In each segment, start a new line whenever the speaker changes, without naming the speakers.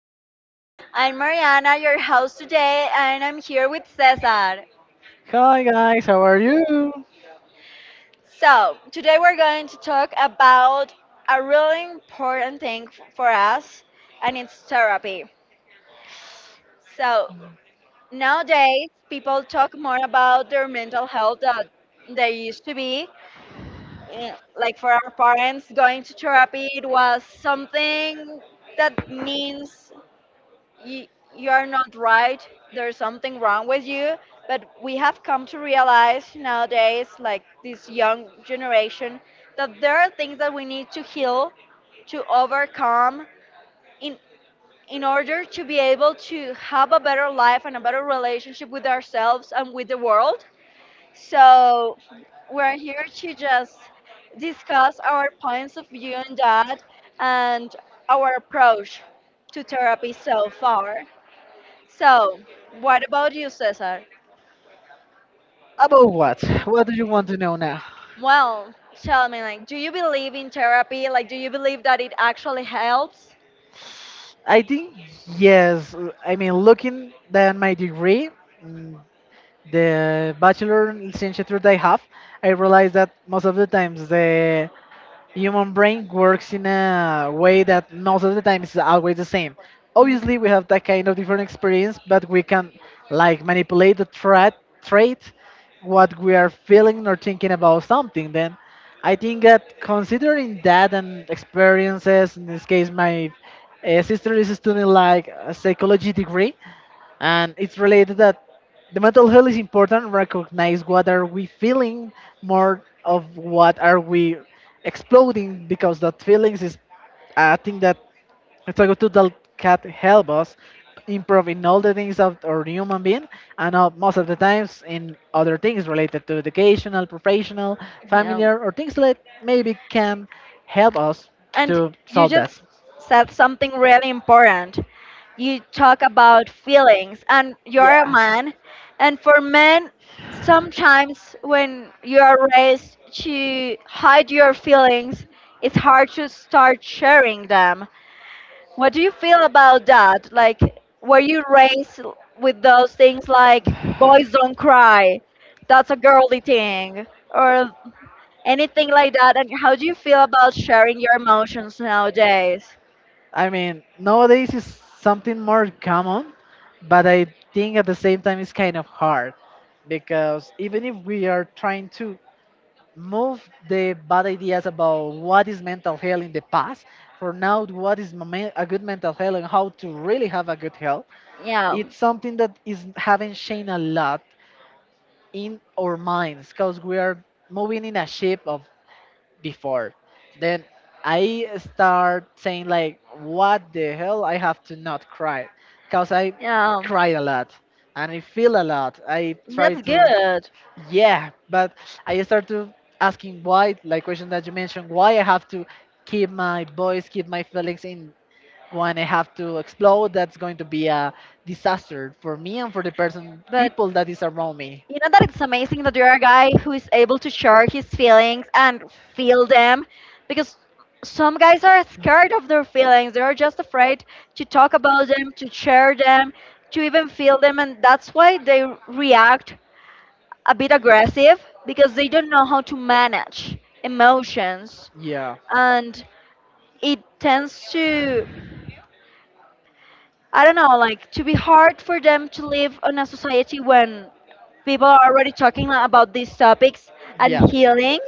doing? I'm Mariana, your host today, and I'm here with Cesar.
Hi guys, how are you?
So, today we're going to talk about a really important thing for us, and it's therapy. So, nowadays people talk more about their mental health than they used to be. Eh, Like for our parents, going to therapy, it was something that means you, you are not right, there's something wrong with you. But we have come to realize nowadays, like this young generation, that there are things that we need to heal, to overcome in in order to be able to have a better life and a better relationship with ourselves and with the world. So we're here to just discuss our points of view on that and our approach to therapy so far. So, what about you, Cesar?
About what? What do you want to know now?
Well, tell me, like, do you believe in therapy? Like, do you believe that it actually helps?
I think yes. I mean, looking at my degree, mm, the bachelor and licenciature that I have, I realized that most of the times the human brain works in a way that most of the time is always the same.
hmm
Obviously, we have that kind of different experience, but we can like manipulate the trait, what we are feeling or thinking about something. Then, I think that considering that and experiences, in this case, my sister is studying like a psychology degree, and it's related that the mental health is important. Recognize what are we feeling more of what are we exploding because that feelings is I think that it's a good tool that can help us improve in all the things of our human being and most of the times in other things related to educational, professional,
Yeah.
familiar or things that maybe can help us
And
to
you
solve
just
that.
said something really important. You talk about feelings, and you're a
Yeah.
man. And for men, sometimes when you are raised to hide your feelings, it's hard to start sharing them. What do you feel about that? Like, were you raised with those things like boys don't cry, that's a girly thing, or anything like that? And how do you feel about sharing your emotions nowadays?
I mean, nowadays it's something more common, but I think at the same time it's kind of hard because even if we are trying to move the bad ideas about what is mental health in the past, for now, what is a good mental health and how to really have a good health,
Yeah.
it's something that is having changed a lot in our minds because we are moving in a ship of before. Then I start saying like, what the hell? I have to not cry, cause I
Yeah.
cry a lot and I feel a lot. I try
That's
to,
good.
yeah, but I start to asking why, like question that you mentioned, why I have to keep my voice, keep my feelings in when I have to explode. That's going to be a disaster for me and for the person,
But
people that is around me.
you know that it's amazing that you're a guy who is able to share his feelings and feel them because some guys are scared of their feelings. They are just afraid to talk about them, to share them, to even feel them. And that's why they react a bit aggressive because they don't know how to manage emotions.
Yeah.
And it tends to I don't know, like to be hard for them to live on a society when people are already talking like, about these topics and
Yeah.
healing,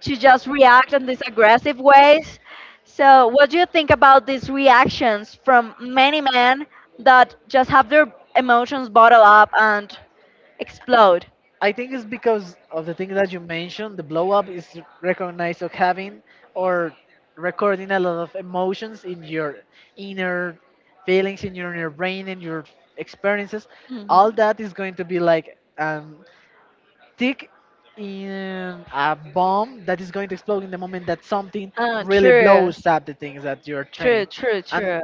to just react in these aggressive ways. So, what do you think about these reactions from many men that just have their emotions bottle up and explode?
I think it's because of the thing that you mentioned. The blow up is recognized of having or recording a lot of emotions in your inner feelings, in your inner brain, in your experiences. All
hmm
that is going to be like tick in a bomb that is going to explode in the moment that something really
True,
blows up the things that you're
true,
trying.
true,
And
true.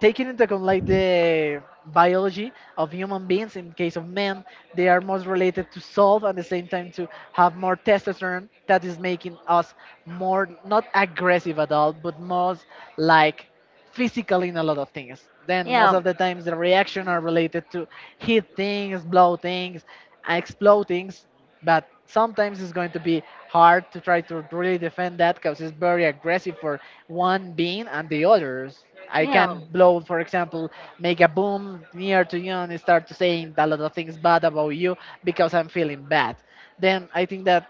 taking into account like the biology of human beings in case of men, they are most related to solve and the same time to have more testosterone that is making us more not aggressive at all but most like physical in a lot of things, then most
Yeah,
of the times the reaction are related to hit things, blow things, explode things, but sometimes it's going to be hard to try to really defend that because it's very aggressive for one being and the others. I
yeah,
can blow, for example, make a boom near to you and start saying a lot of things bad about you because I'm feeling bad. Then I think that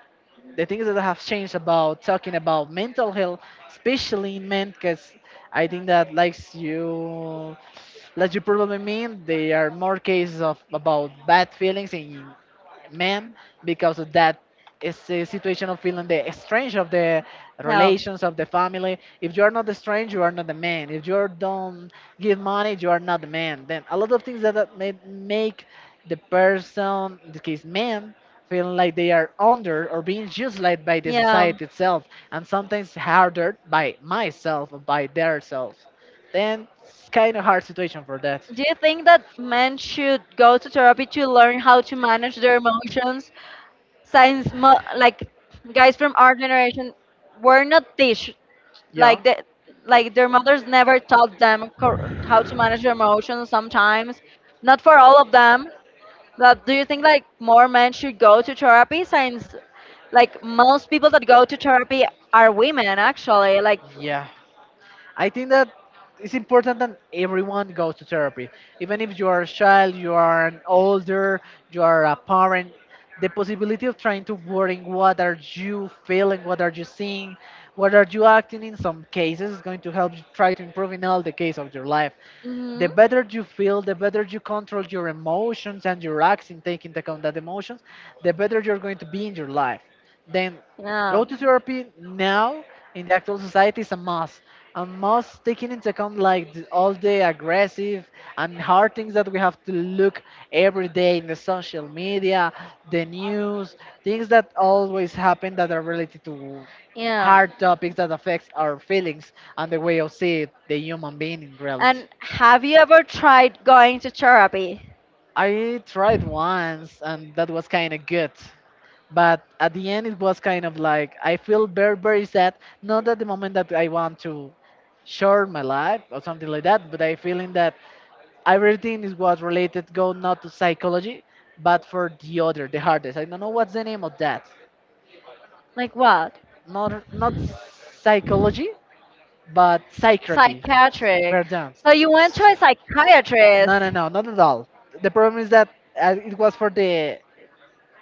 the things that have changed about talking about mental health, especially in men, because I think that likes you, like you probably mean, there are more cases of about bad feelings in men because of that is the situation of feeling the strange of the
yeah,
relations of the family. If you are not the strange, you are not the man. If you don't give money, you are not the man. Then a lot of things that may make the person, in this case man, feel like they are under or being used like by the
yeah.
society itself and sometimes harder by myself or by their self, then it's kind of hard situation for that.
Do you think that men should go to therapy to learn how to manage their emotions? Since like guys from our generation were not teach,
Yeah.
like the like their mothers never taught them how to manage their emotions sometimes not for all of them but do you think like more men should go to therapy since like most people that go to therapy are women actually like
Yeah, I think that it's important that everyone goes to therapy. Even if you are a child, you are an older, you are a parent, the possibility of trying to wording what are you feeling, what are you seeing, what are you acting in some cases is going to help you try to improve in all the case of your life.
hmm
The better you feel, the better you control your emotions and your acts in taking into account that emotions, the better you're going to be in your life. Then
yeah
go to therapy now in the actual society is a must. A must, taking into account like all the aggressive and hard things that we have to look every day in the social media, the news, things that always happen that are related to
yeah.
hard topics that affects our feelings and the way of see the human being in reality.
And have you ever tried going to therapy?
I tried once and that was kind of good. But at the end it was kind of like I feel very sad, not at the moment that I want to short my life or something like that, but I feeling that everything is was related go not to psychology but for the other, the hardest, I don't know what's the name of that.
Like what?
Not psychology but psychiatry.
Psychiatric.
Pardon.
So you went to a
no no
psychiatrist.
no not at all. The problem is that it was for the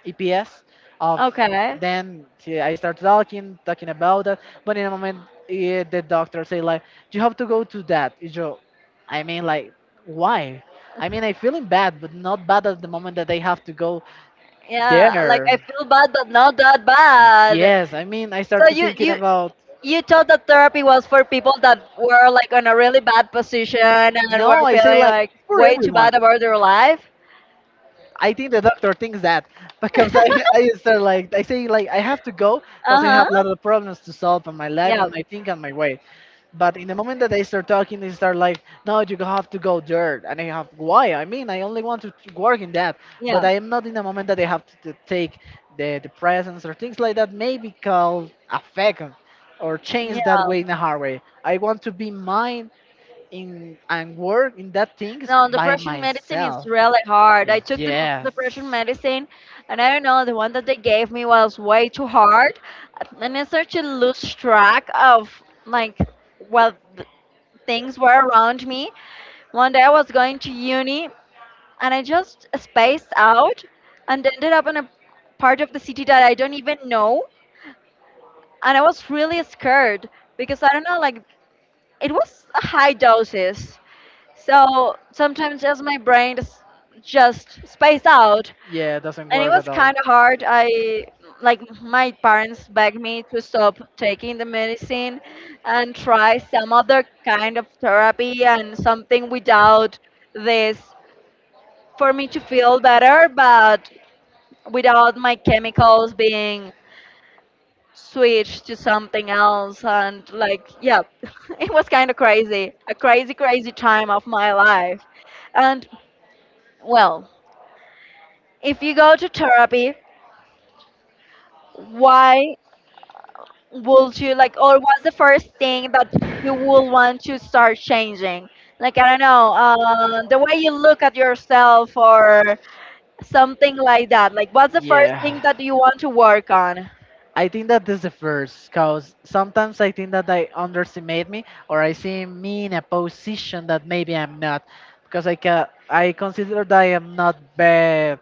EPS of,
Okay.
then she, I start talking about that. But in a moment, the doctor say like, "You have to go to that." You know, I mean, like, why? I mean, I feeling bad, but not bad at the moment that I have to go
Yeah, like
there.
I feel bad but not that bad.
Yes, I mean, I
So
started
you
thinking
you
about.
you thought that therapy was for people that were like on a really bad position and
No,
were
I say
feeling
like
like
for
way too
everyone.
bad about their life?
I think the doctor thinks that because I start like I say like I have to go because I
Uh-huh.
have a lot of problems to solve in my life
Yeah.
and my think and my way. But in the moment that I start talking, they start like, no, you have to go there. And I have, why? I mean, I only want to work in that. But
Yeah.
I am not in the moment that I have to take the presence or things like that, maybe called affect or
Yeah.
change that way in a hard way. I want to be mine in and work in that things
No,
by
depression medicine is
myself.
really hard. I took the
Yes.
depression medicine, and I don't know, the one that they gave me was way too hard, and I started to lose track of like what th- things were around me. One day I was going to uni, and I just spaced out, and ended up in a part of the city that I don't even know, and I was really scared because I don't know, like it was a high doses. So sometimes just my brain just spaced out.
Yeah, it doesn't
And it
work at
was
all.
kind of hard. I like my parents begged me to stop taking the medicine and try some other kind of therapy and something without this for me to feel better, but without my chemicals being switch to something else and like yeah it was kind of crazy, a crazy time of my life. And well, if you go to therapy, why would you like, or what's the first thing that you will want to start changing, like I don't know, the way you look at yourself or something like that, like what's the first
Yeah.
thing that you want to work on?
I think that this is the first because sometimes I think that they underestimate me or I see me in a position that maybe I'm not because I can I consider that I am not be,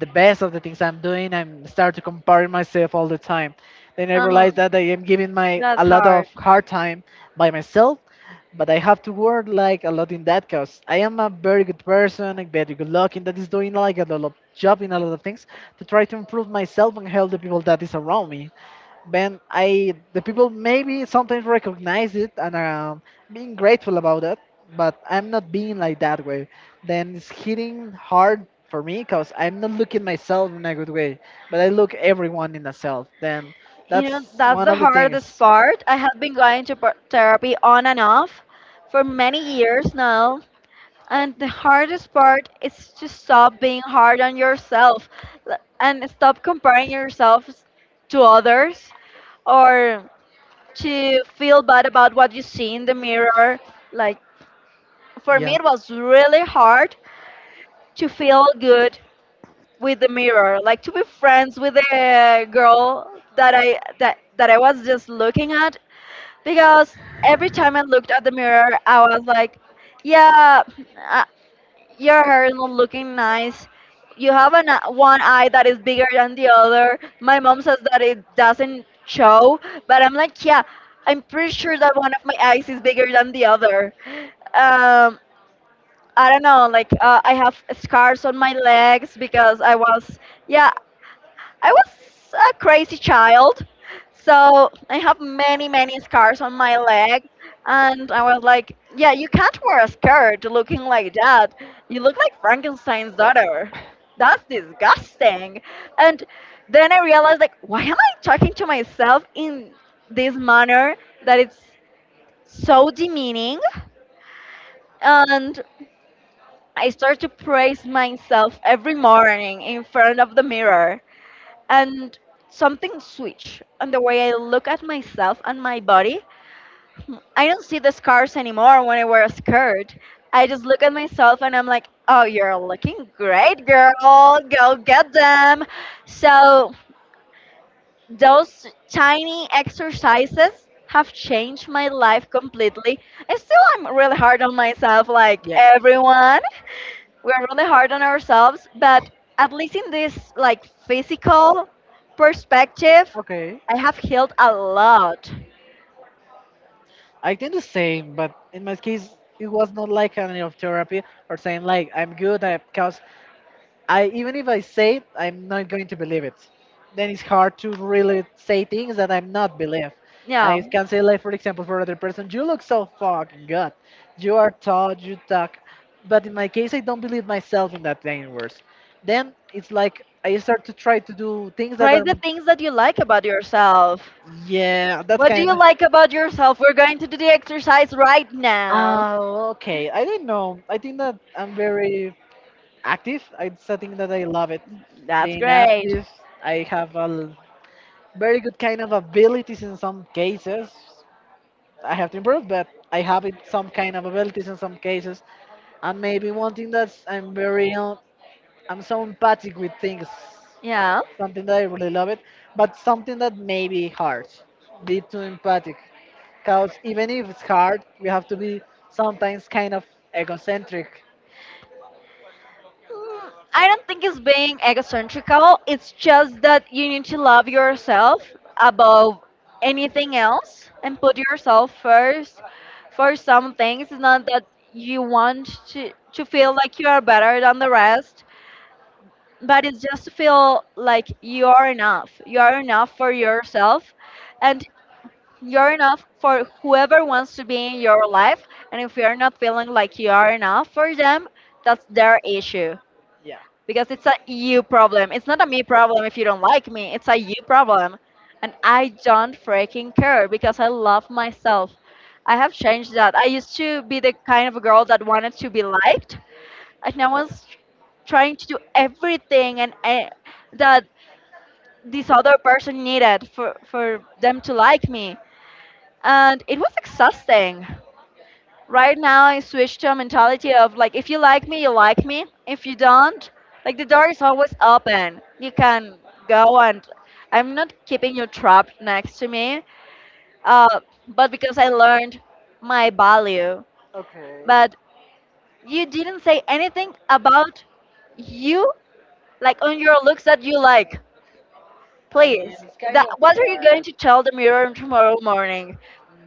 the best of the things I'm doing. I'm start to compare myself all the time. Then I realize
um,
that I am giving my
that's
a lot of
hard.
hard time by myself, but I have to work like a lot in that because I am a very good person, a very good looking that is doing like a lot of job in a lot of things to try to improve myself and help the people that is around me. Ben, I the people maybe sometimes recognize it and being grateful about it, but I'm not being like that way. Then it's hitting hard for me because I'm not looking myself in a good way, but I look everyone in the self. Then
You know,
that's
that's
one
the
of the
hardest
things.
part. I have been going to therapy on and off for many years now, and the hardest part is to stop being hard on yourself and stop comparing to others or to feel bad about what you see in the mirror. Like, for me, it was really hard to feel good with the mirror, like to be friends with the girl that I that that I was just looking at because every time I looked at the mirror, I was like, "Yeah, uh, your hair is not looking nice. You have an, one eye that is bigger than the other." My mom says that it doesn't show, but I'm like, "Yeah, I'm pretty sure that one of my eyes is bigger than the other." Um, I don't know, like I have scars on my legs because I was, yeah, I was a crazy child, so I have many, many scars on my leg. And I was like, yeah, you can't wear a skirt looking like that. You look like Frankenstein's daughter. That's disgusting. And then I realized, like, why am I talking to myself in this manner that it's so demeaning? And I start to praise myself every morning in front of the mirror, and something switch on the way I look at myself and my body. I don't see the scars anymore when I wear a skirt. I just look at myself and I'm like, oh, you're looking great, girl. Go get them. So those tiny exercises have changed my life completely. And still, I'm really hard on myself, like
Yeah.
everyone. We're really hard on ourselves, but at least in this like physical perspective,
Okay.
I have healed a lot.
I think the same, but in my case, it was not like kind of therapy or saying like I'm good because I even if I say it, I'm not going to believe it. Then it's hard to really say things that I'm not believe.
Yeah.
I can say like for example for another person, you look so fucking good. You are tall, you talk. But in my case I don't believe myself in that thing words. Then it's like I start to try to do things that
Praise
are
the things that you like about yourself.
yeah, that's
What do
kind
you
of.
like about yourself? We're going to do the exercise right now.
Oh, okay. I don't know. I think that I'm very active. It's a thing that I love it.
That's
Being
great.
active, I have a very good kind of abilities in some cases. I have to improve, but I have it some kind of abilities in some cases. And maybe one thing that's I'm very I'm so empathic with things,
Yeah.
something that I really love it, but something that may be hard. Be too empathic, cause even if it's hard, we have to be sometimes kind of egocentric.
I don't think it's being egocentrical. It's just that you need to love yourself above anything else and put yourself first for some things. It's not that you want to feel like you are better than the rest, but it's just to feel like you are enough. You are enough for yourself and you're enough for whoever wants to be in your life. And if you're not feeling like you are enough for them, that's their issue
Yeah.
because it's a you problem. It's not a me problem if you don't like me. It's a you problem. And I don't freaking care because I love myself. I have changed that. I used to be the kind of girl that wanted to be liked, and I was trying to do everything and that this other person needed for them to like me, and it was exhausting. Right now I switched to a mentality of like if you like me, you like me. If you don't, like the door is always open. You can go and I'm not keeping you trapped next to me. Uh, but because I learned my value.
Okay.
But you didn't say anything about you, like on your looks that you like.
I
Please.
mean, it's kind
That
of
what are you going
hard.
to tell the mirror tomorrow morning?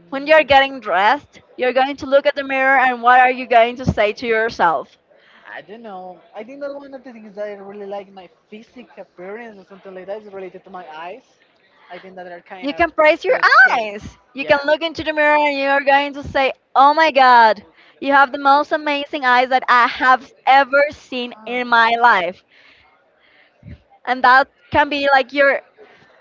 When you're getting dressed, you're going to look at the mirror and what are you going to say to yourself?
I don't know. I think that one of the things that I really like my physique appearance or something like that is related to my eyes. I think that they're kind
You
of
can praise your
good. Skin.
eyes. You can
Yeah.
look into the mirror and you are going to say, oh my God, you have the most amazing eyes that I have ever seen in my
Ah.
life. And that can be like your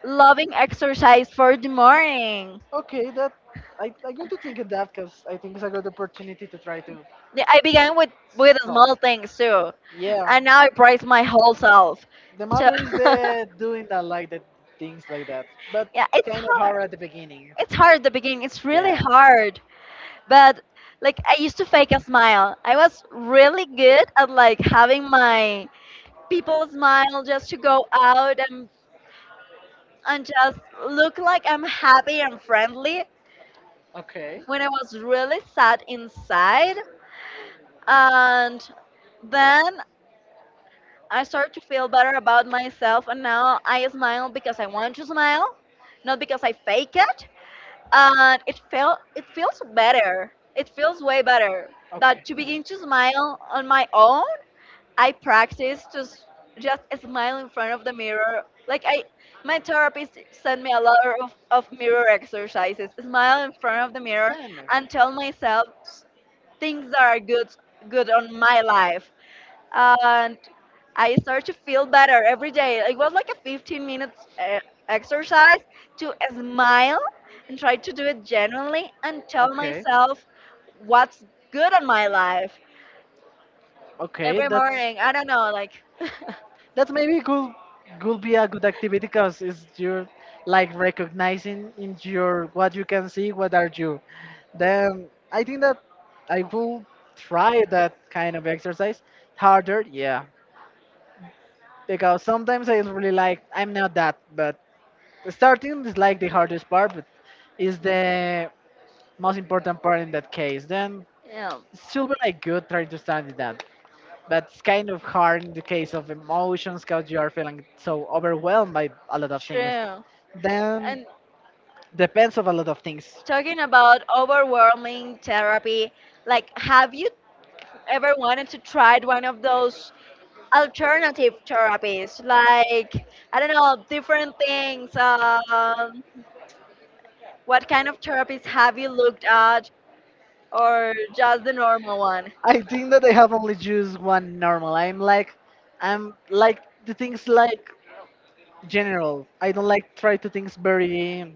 loving exercise for the morning.
Okay, that I'm going to think of that because I think it's a good opportunity to try to
Yeah, I began with small
solve.
things too.
Yeah.
And now I praise my whole self.
The
So,
matter is the doing that like the things like that, but
yeah, it's
kind of hard at
hard.
the beginning.
It's hard at the beginning. It's really
Yeah.
hard. But like I used to fake a smile. I was really good at like having my people smile just to go out and just look like I'm happy and friendly
Okay.
when I was really sad inside. And then I started to feel better about myself and now I smile because I want to smile, not because I fake it. And it felt it feels better. It feels way better
That
that to
okay.
begin to smile on my own. I practice just smile in front of the mirror. My therapist sent me a lot of mirror exercises. Smile in front of the mirror
Stunning.
and tell myself things that are good on my life. And I start to feel better every day. It was like a 15 minutes exercise to smile and try to do it genuinely and tell
Okay.
myself what's good on my life
Okay.
every
That's like
morning. I don't know, like.
that's maybe could be a good activity because it's you're like recognizing in your what you can see, what are you. Then I think that I will try that kind of exercise harder. Yeah, because sometimes I really like I'm not that, but starting is like the hardest part, but is the most important part in that case. Then
Yeah,
it's still be like good trying to stand it up, but it's kind of hard in the case of emotions because you are feeling so overwhelmed by a lot of things.
true.
Then
And
depends of a lot of things.
talking about overwhelming therapy, like have you ever wanted to try one of those alternative therapies? Like, I don't know, different things. What kind of therapies have you looked at or just the normal one?
I think that I have only used one normal. I'm like the things like general. I don't like try to things very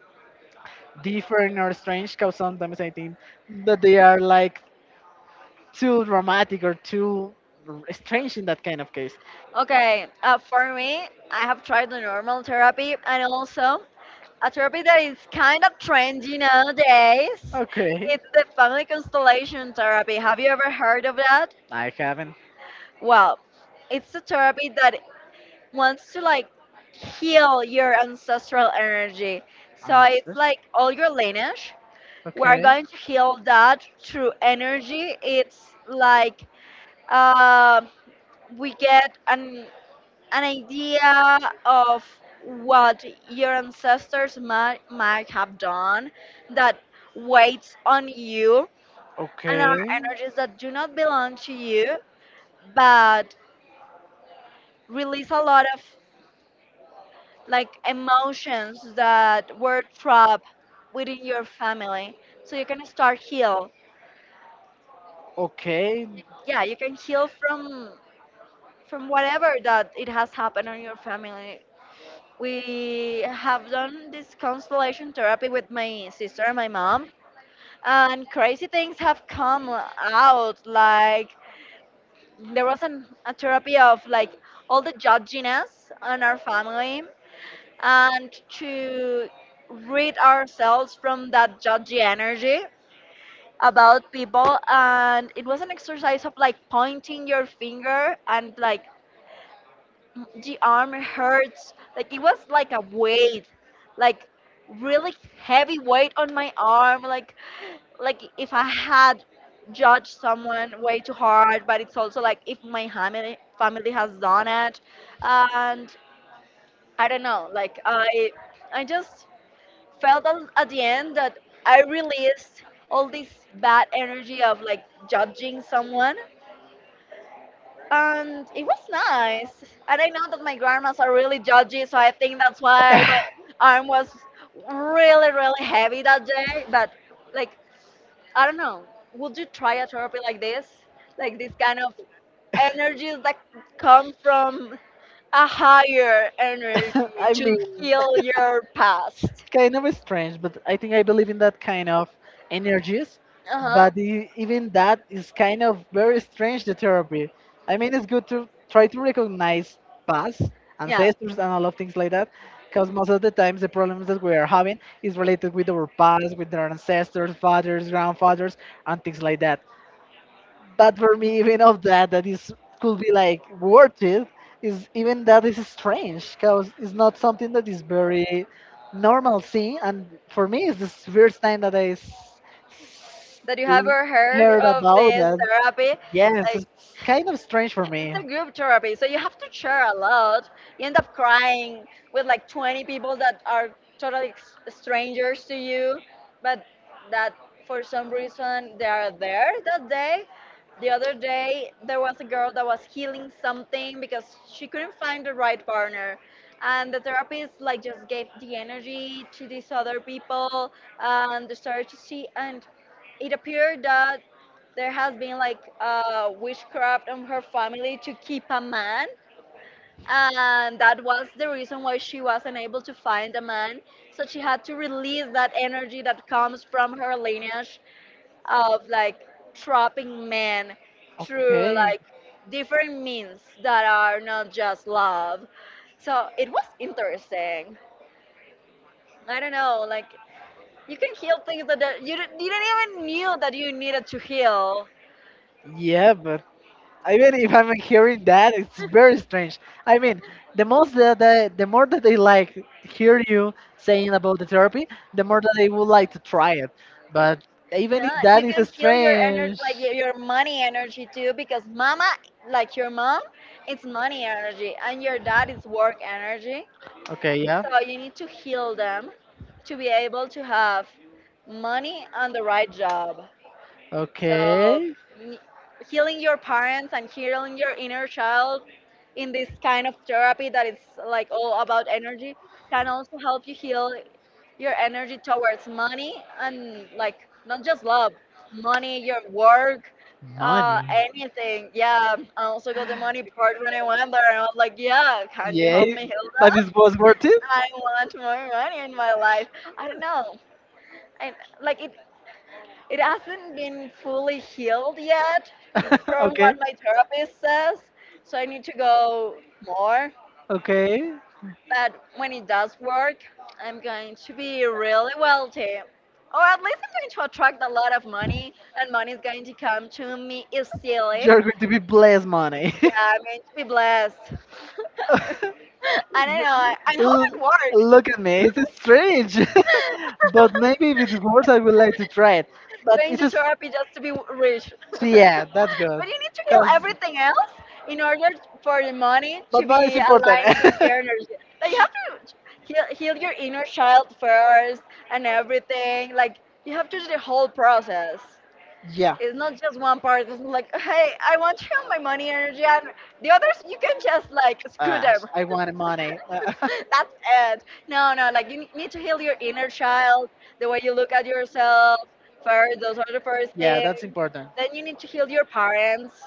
different or strange because sometimes I think that they are like too dramatic or too strange in that kind of case.
Okay, for me, I have tried the normal therapy and also a therapy that is kind of trendy nowadays.
Okay.
It's the family constellation therapy. Have you ever heard of that?
I haven't.
Well, it's a therapy that wants to like heal your ancestral energy. So
I'm
it's
just-
like all your lineage. We're
Okay.
going to heal that through energy. It's like uh, we get an idea of what your ancestors might have done that weighs on you and are
Okay.
energies that do not belong to you but release a lot of like emotions that were trapped within your family so you can start heal,
Okay.
yeah, you can heal from whatever that it has happened on your family. We have done this constellation therapy with my sister and my mom, and crazy things have come out. Like, there was a therapy of like all the judginess on our family, and to rid ourselves from that judgy energy about people. And it was an exercise of like pointing your finger and like the arm hurts. Like it was like a weight, like really heavy weight on my arm. Like if I had judged someone way too hard, but it's also like if my family has done it, and I don't know. Like I just felt at the end that I released all this bad energy of like judging someone and it was nice. And I know that my grandmas are really judgy, so I think that's why my arm was really, really heavy that day. But like, I don't know. Would you try a therapy like this? Like this kind of energies that come from a higher energy
I
to
mean,
heal your past.
kind of strange, but I think I believe in that kind of energies.
Uh huh.
But even that is kind of very strange, the therapy. I mean, it's good to try to recognize past
Yeah.
ancestors and all of things like that, because most of the times the problems that we are having is related with our past, with our ancestors, fathers, grandfathers, and things like that. But for me, even of that, that is could be like worth it. Is even that is strange because it's not something that is very normal thing. And for me, it's the first time that s-
That you have ever heard
heard
of
about
this
that.
therapy.
Yes,
Like,
it's kind of strange for
it's
me.
a group therapy, so you have to share a lot. You end up crying with like 20 people that are totally ex- strangers to you, but that for some reason they are there that day. The other day, there was a girl that was healing something because she couldn't find the right partner. And the therapist like just gave the energy to these other people and they started to see and it appeared that there has been like witchcraft on her family to keep a man, and that was the reason why she wasn't able to find a man, so she had to release that energy that comes from her lineage of like trapping men through
Okay.
like different means that are not just love, so it was interesting. I don't know, like, you can heal things that you did you didn't even knew that you needed to heal.
Yeah, but even if I'm hearing that, it's
Sure.
very strange. I mean, the most that the more that they like hear you saying about the therapy, the more that they would like to try it. But even
Yeah,
if
you
that is
can kill your energy,
strange,
like your money energy too, because mama, like your mom, it's money energy, and your dad is work energy.
okay, yeah,
So you need to heal them to be able to have money and the right job. So
okay,
n- healing your parents and healing your inner child in this kind of therapy that is like all about energy can also help you heal your energy towards money and like not just love, money, your work,
money,
anything. Yeah, I also got the money part when I went there. And I was like, yeah, can you
yeah,
help me heal
but
that?
it was worth it.
I want more money in my life. I don't know. And like it hasn't been fully healed yet from
Okay,
what my therapist says, so I need to go more.
okay,
But when it does work, I'm going to be really wealthy. Or at least I'm going to attract a lot of money, and money is going to come to me easily.
you're going to be blessed, money.
Yeah, I'm going to be blessed. I don't know. I hope
L-
it works.
Look at me, it's strange, but maybe if it works, I would like to try it. But
Going
it's
to
just,
therapy just to be rich.
so
But
yeah, that's good.
you need to heal
Cause,
everything else in order for the money
but
to
money is
be
important.
aligned in the energy. Like you have to heal your inner child first and everything. Like you have to do the whole process.
Yeah.
It's not just one part. It's not like, hey, I want to heal my money energy, and the others you can just like screw
Ah,
them.
I want money.
That's it. No, no. Like you need to heal your inner child, the way you look at yourself first. Those are the first
Yeah,
things,
that's important.
then you need to heal your parents,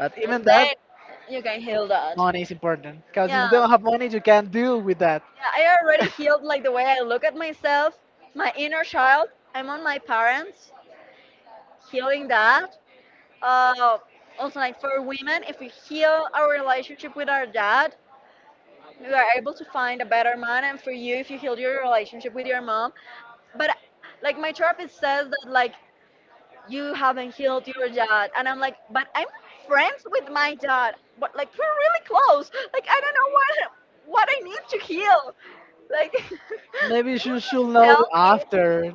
But even
and
that,
then you can heal that.
money is important
Yeah,
because if
yeah.
you don't have money, you can't deal with that.
I already healed like the way I look at myself, my inner child. I'm on my parents, healing that. Uh, also, like for women, if we heal our relationship with our dad, we are able to find a better man. And for you, if you heal your relationship with your mom, but like my therapist says that like you haven't healed your dad, and I'm like, but I'm friends with my dad, but like we're really close, like I don't know what I need to heal. Like you
Maybe you should
just
know
tell me.
after,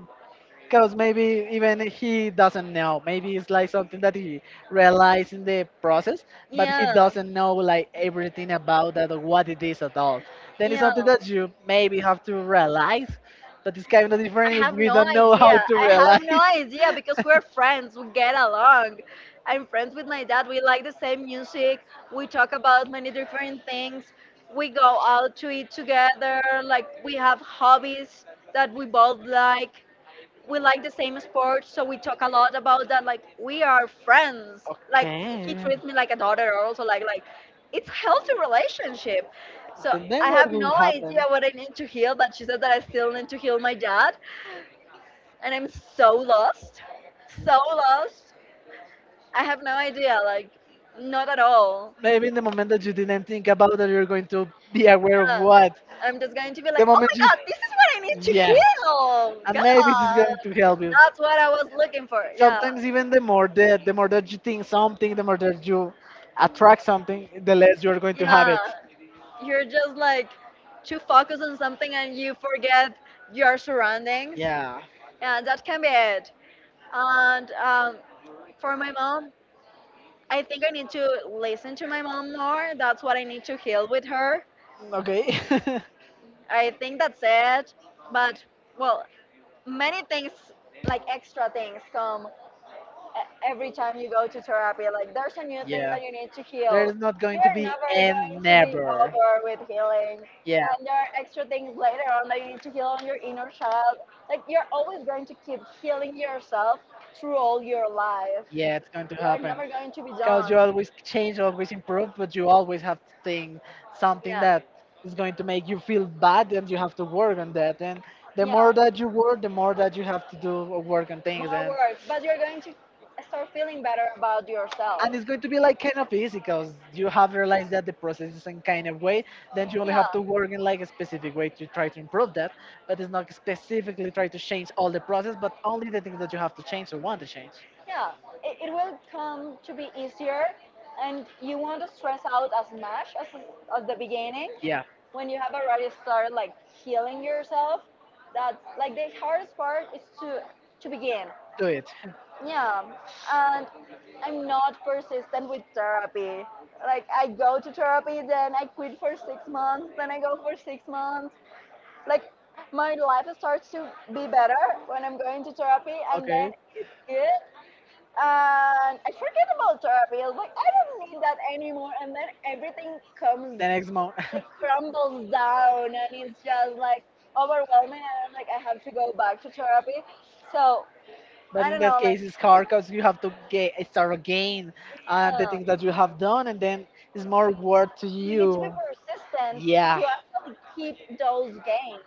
because maybe even he doesn't know. Maybe it's like something that he realized in the process, but he
Yeah,
doesn't know like everything about that or what it is at all. Then it's
yeah.
something that you maybe have to realize, but it's kind of
I
different if
have
we
no
don't know how
idea.
to
I have
realize.
no idea because we're friends. We get along. I'm friends with my dad. We like the same music. We talk about many different things. We go out to eat together. Like we have hobbies that we both like. We like the same sports, so we talk a lot about that. Like we are friends. Like he
Okay.
treats me like a daughter. Also, like it's healthy relationship. So
Then
I
what
have
will
no
happen?
idea what I need to heal, but she said that I still need to heal my dad, and I'm so lost, so lost. I have no idea, like, not at all.
Maybe in the moment that you didn't think about that, you're going to be
Yeah.
aware of what.
I'm just going to be
The
like, oh
moment
my
you
god, this is what I need to hear.
yes.
Oh,
And
God,
maybe it is going to help you.
that's what I was looking for. Yeah,
Sometimes even the more that you think something, the more that you attract something, the less you are going to have
yeah.
it.
You're just like too focused on something and you forget your surroundings,
Yeah.
and that can be it. And for my mom, I think I need to listen to my mom more. That's what I need to heal with her.
Okay.
I think that's it. But, well, many things, like extra things, come every time you go to therapy. Like, there's a new thing
Yeah.
that you need to
There
heal.
is not going to
You're
be
never going
and
to be
never.
over with healing. And there are extra things later on that you need to heal on your inner child. Like, you're always going to keep healing yourself through all your life.
Yeah, it's going to
We're
happen.
never going to be done.
Because you always change, always improve, but you always have to think something that is going to make you feel bad, and you have to work on that. And the
Yeah.
more that you work, the more that you have to do or work on things.
More
And
work, but you're going to start feeling better about yourself.
it's going to be like kind of easy because you have realized that the process is in kind of way, then you only have
Yeah.
to work in like a specific way to try to improve that, but it's not specifically try to change all the process but only the things that you have to change or want to change,
Yeah, it will come to be easier and you won't stress out as much as the beginning
yeah,
when you have already started like healing yourself. That's like the hardest part is to begin.
do it.
Yeah, and I'm not persistent with therapy. Like I go to therapy, then I quit for 6 months, then I go for 6 months, like my life starts to be better when I'm going to therapy, and then
Okay,
it's good. And I forget about therapy. I was like, I don't need that anymore. And then everything comes,
the next month.
crumbles down, and it's just like overwhelming. And I'm like, I have to go back to therapy. So
But
I
in
don't know,
that
like,
case, it's hard because you have to get, start again, the
uh,
things that you have done, and then it's more work to
you need to be
you.
persistent to
Yeah.
actually keep those gains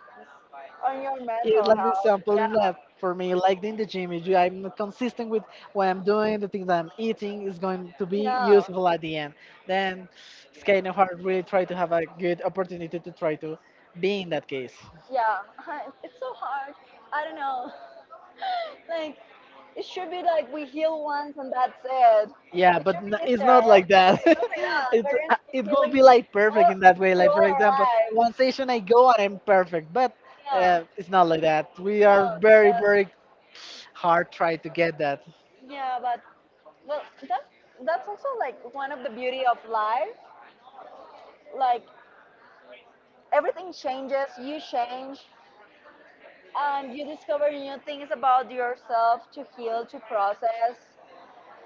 on your mental
It's like the okay
health.
example in that for me, like in the gym. If you, I'm not consistent with what I'm doing, the things that I'm eating is going to
Yeah,
be useful
yeah.
at the end. Then it's kind of hard. Really try to have a good opportunity to try to be in that case.
Yeah, it's so hard. I don't know. Like, it should be like we heal once and that's it.
Yeah,
It
but
should be
it's
easier.
not like that.
Oh my god,
it's
we're
uh,
gonna
it
keep
will
healing
be
like,
like
all,
perfect in that way.
through
Like for
all
example, one
our lives.
station I go and I'm perfect, but
Yeah,
it's not like that. We
no,
are very very hard try to get that.
yeah, but well, that's also like one of the beauty of life. Like everything changes, you change, and you discover new things about yourself to heal, to process,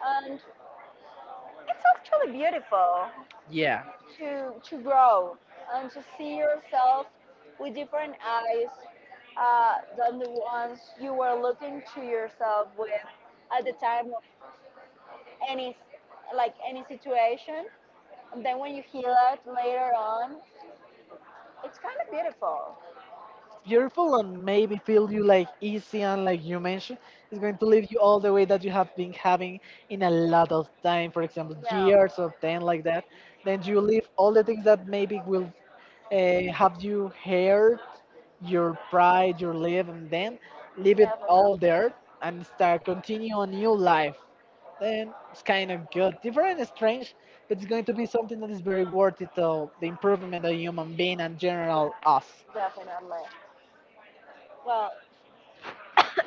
and it's actually beautiful.
Yeah,
To to grow and to see yourself with different eyes than the ones you were looking to yourself with at the time of any like any situation. And then when you heal it later on, it's kind of beautiful.
it's beautiful and maybe feel you like easy and like you mentioned, it's going to lead you all the way that you have been having in a lot of time. For example,
Yeah,
years of ten like that. Then you leave all the things that maybe will have you here your pride, your live, and then leave it all there
definitely,
and start continue a new life. Then it's kind of good, different and strange, but it's going to be something that is very worth it of the improvement of human being and general us.
definitely. Well,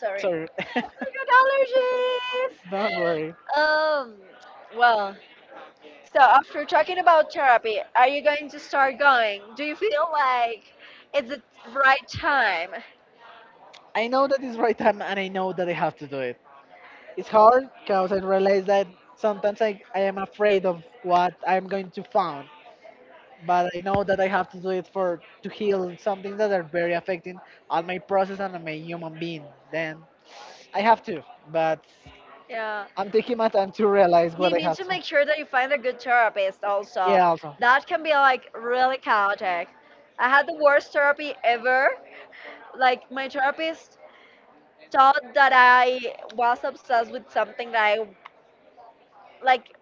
sorry,
Sorry,
I
don't worry.
got allergies. Well, so after talking about therapy, are you going to start going? Do you feel like it's the right time?
I know that it's right time and I know that I have to do it. It's hard because I realize that sometimes I am afraid of what I'm going to find. But I know that I have to do it for to heal some things that are very affecting on my process and on my human being. Then I have to, but
Yeah.
I'm taking my time to realize
You
what I
need
have
to
to.
make sure that you find a good therapist also.
Yeah, also.
That can be like really chaotic. I had the worst therapy ever. Like my therapist thought that I was obsessed with something that I like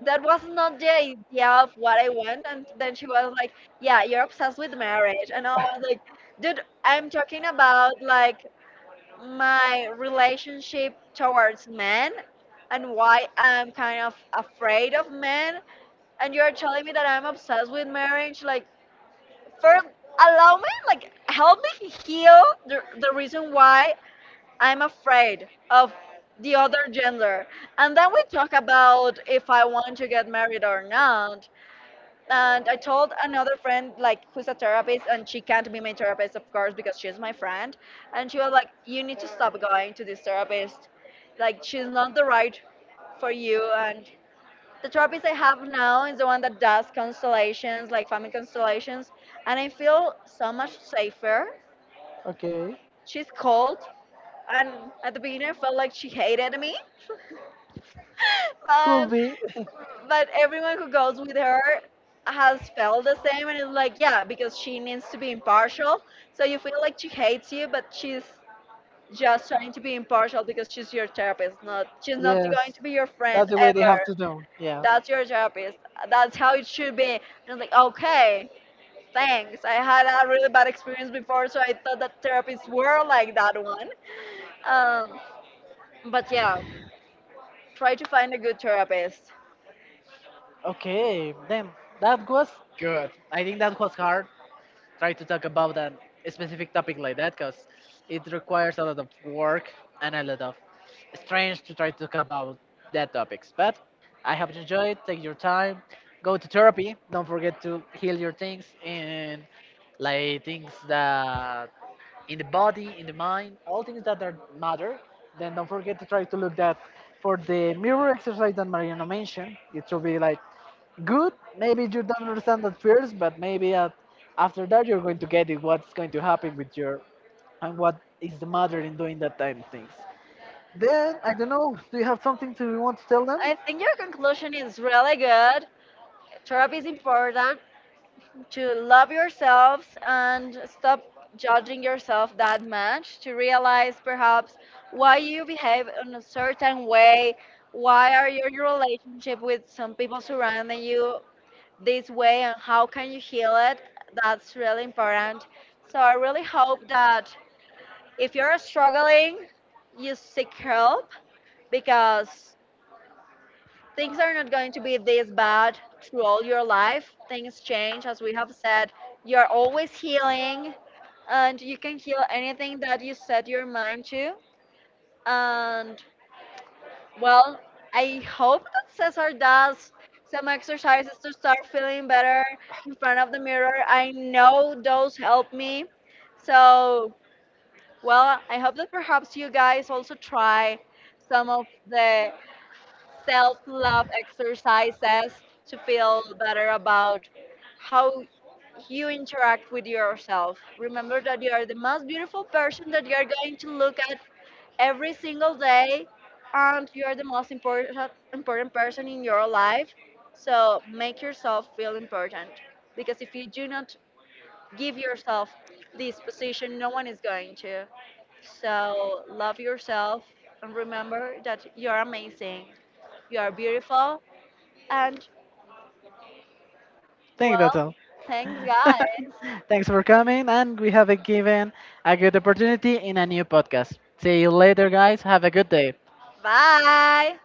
that was not the idea of what I want, and then she was like, yeah, you're obsessed with marriage, and I was like, dude, I'm talking about like my relationship towards men and why I'm kind of afraid of men. And you're telling me that I'm obsessed with marriage. Like, first, allow me, like, help me heal the reason why I'm afraid of the other gender. And then we talk about if I want to get married or not. And I told another friend, like, who's a therapist, and she can't be my therapist, of course, because she's my friend. And she was like, you need to stop going to this therapist. Like, she's not the right for you. And the therapist I have now is the one that does constellations, like family constellations. And I feel so much safer.
Okay.
She's cold. And at the beginning, I felt like she hated me.
Could
But
be.
everyone who goes with her has felt the same, and it's like, yeah, because she needs to be impartial, so you feel like she hates you, but she's just trying to be impartial because she's your therapist, not, she's not
Yes.
going to be your friend
That's the way they
ever.
have to do. Yeah.
That's your therapist. That's how it should be. And I'm like, okay, thanks. I had a really bad experience before, so I thought that therapists were like that one. um, but yeah, try to find a good therapist.
Okay, then that was good. I think that was hard. Try to talk about a specific topic like that because it requires a lot of work and a lot of strange to try to talk about that topics. But I hope you enjoyed. Take your time. Go to therapy. Don't forget to heal your things and like things that in the body, in the mind, all things that are matter. Then don't forget to try to look that for the mirror exercise that Mariana mentioned. It should be like good. Maybe you don't understand at first, but maybe at, after that you're going to get it. What's going to happen with your and what is the matter in doing that time of things? Then I don't know. Do you have something to you want to tell them?
I think your conclusion is really good. Therapy is important to love yourselves and stop judging yourself that much, to realize perhaps why you behave in a certain way, why are your relationship with some people surrounding you this way, and how can you heal it. That's really important. So I really hope that if you're struggling, you seek help because things are not going to be this bad through all your life. Things change, as we have said. You are always healing, and you can heal anything that you set your mind to. And well, I hope that Cesar does some exercises to start feeling better in front of the mirror. I know those help me. So, well, I hope that perhaps you guys also try some of the self love exercises to feel better about how you interact with yourself. Remember that you are the most beautiful person that you are going to look at every single day, and you are the most important, important person in your life. So make yourself feel important because if you do not give yourself this position, no one is going to. So love yourself and remember that you're amazing. You are beautiful and
Think that's
well,
all.
thanks, guys.
Thanks for coming, and we have a given a good opportunity in a new podcast. See you later, guys. Have a good day.
Bye.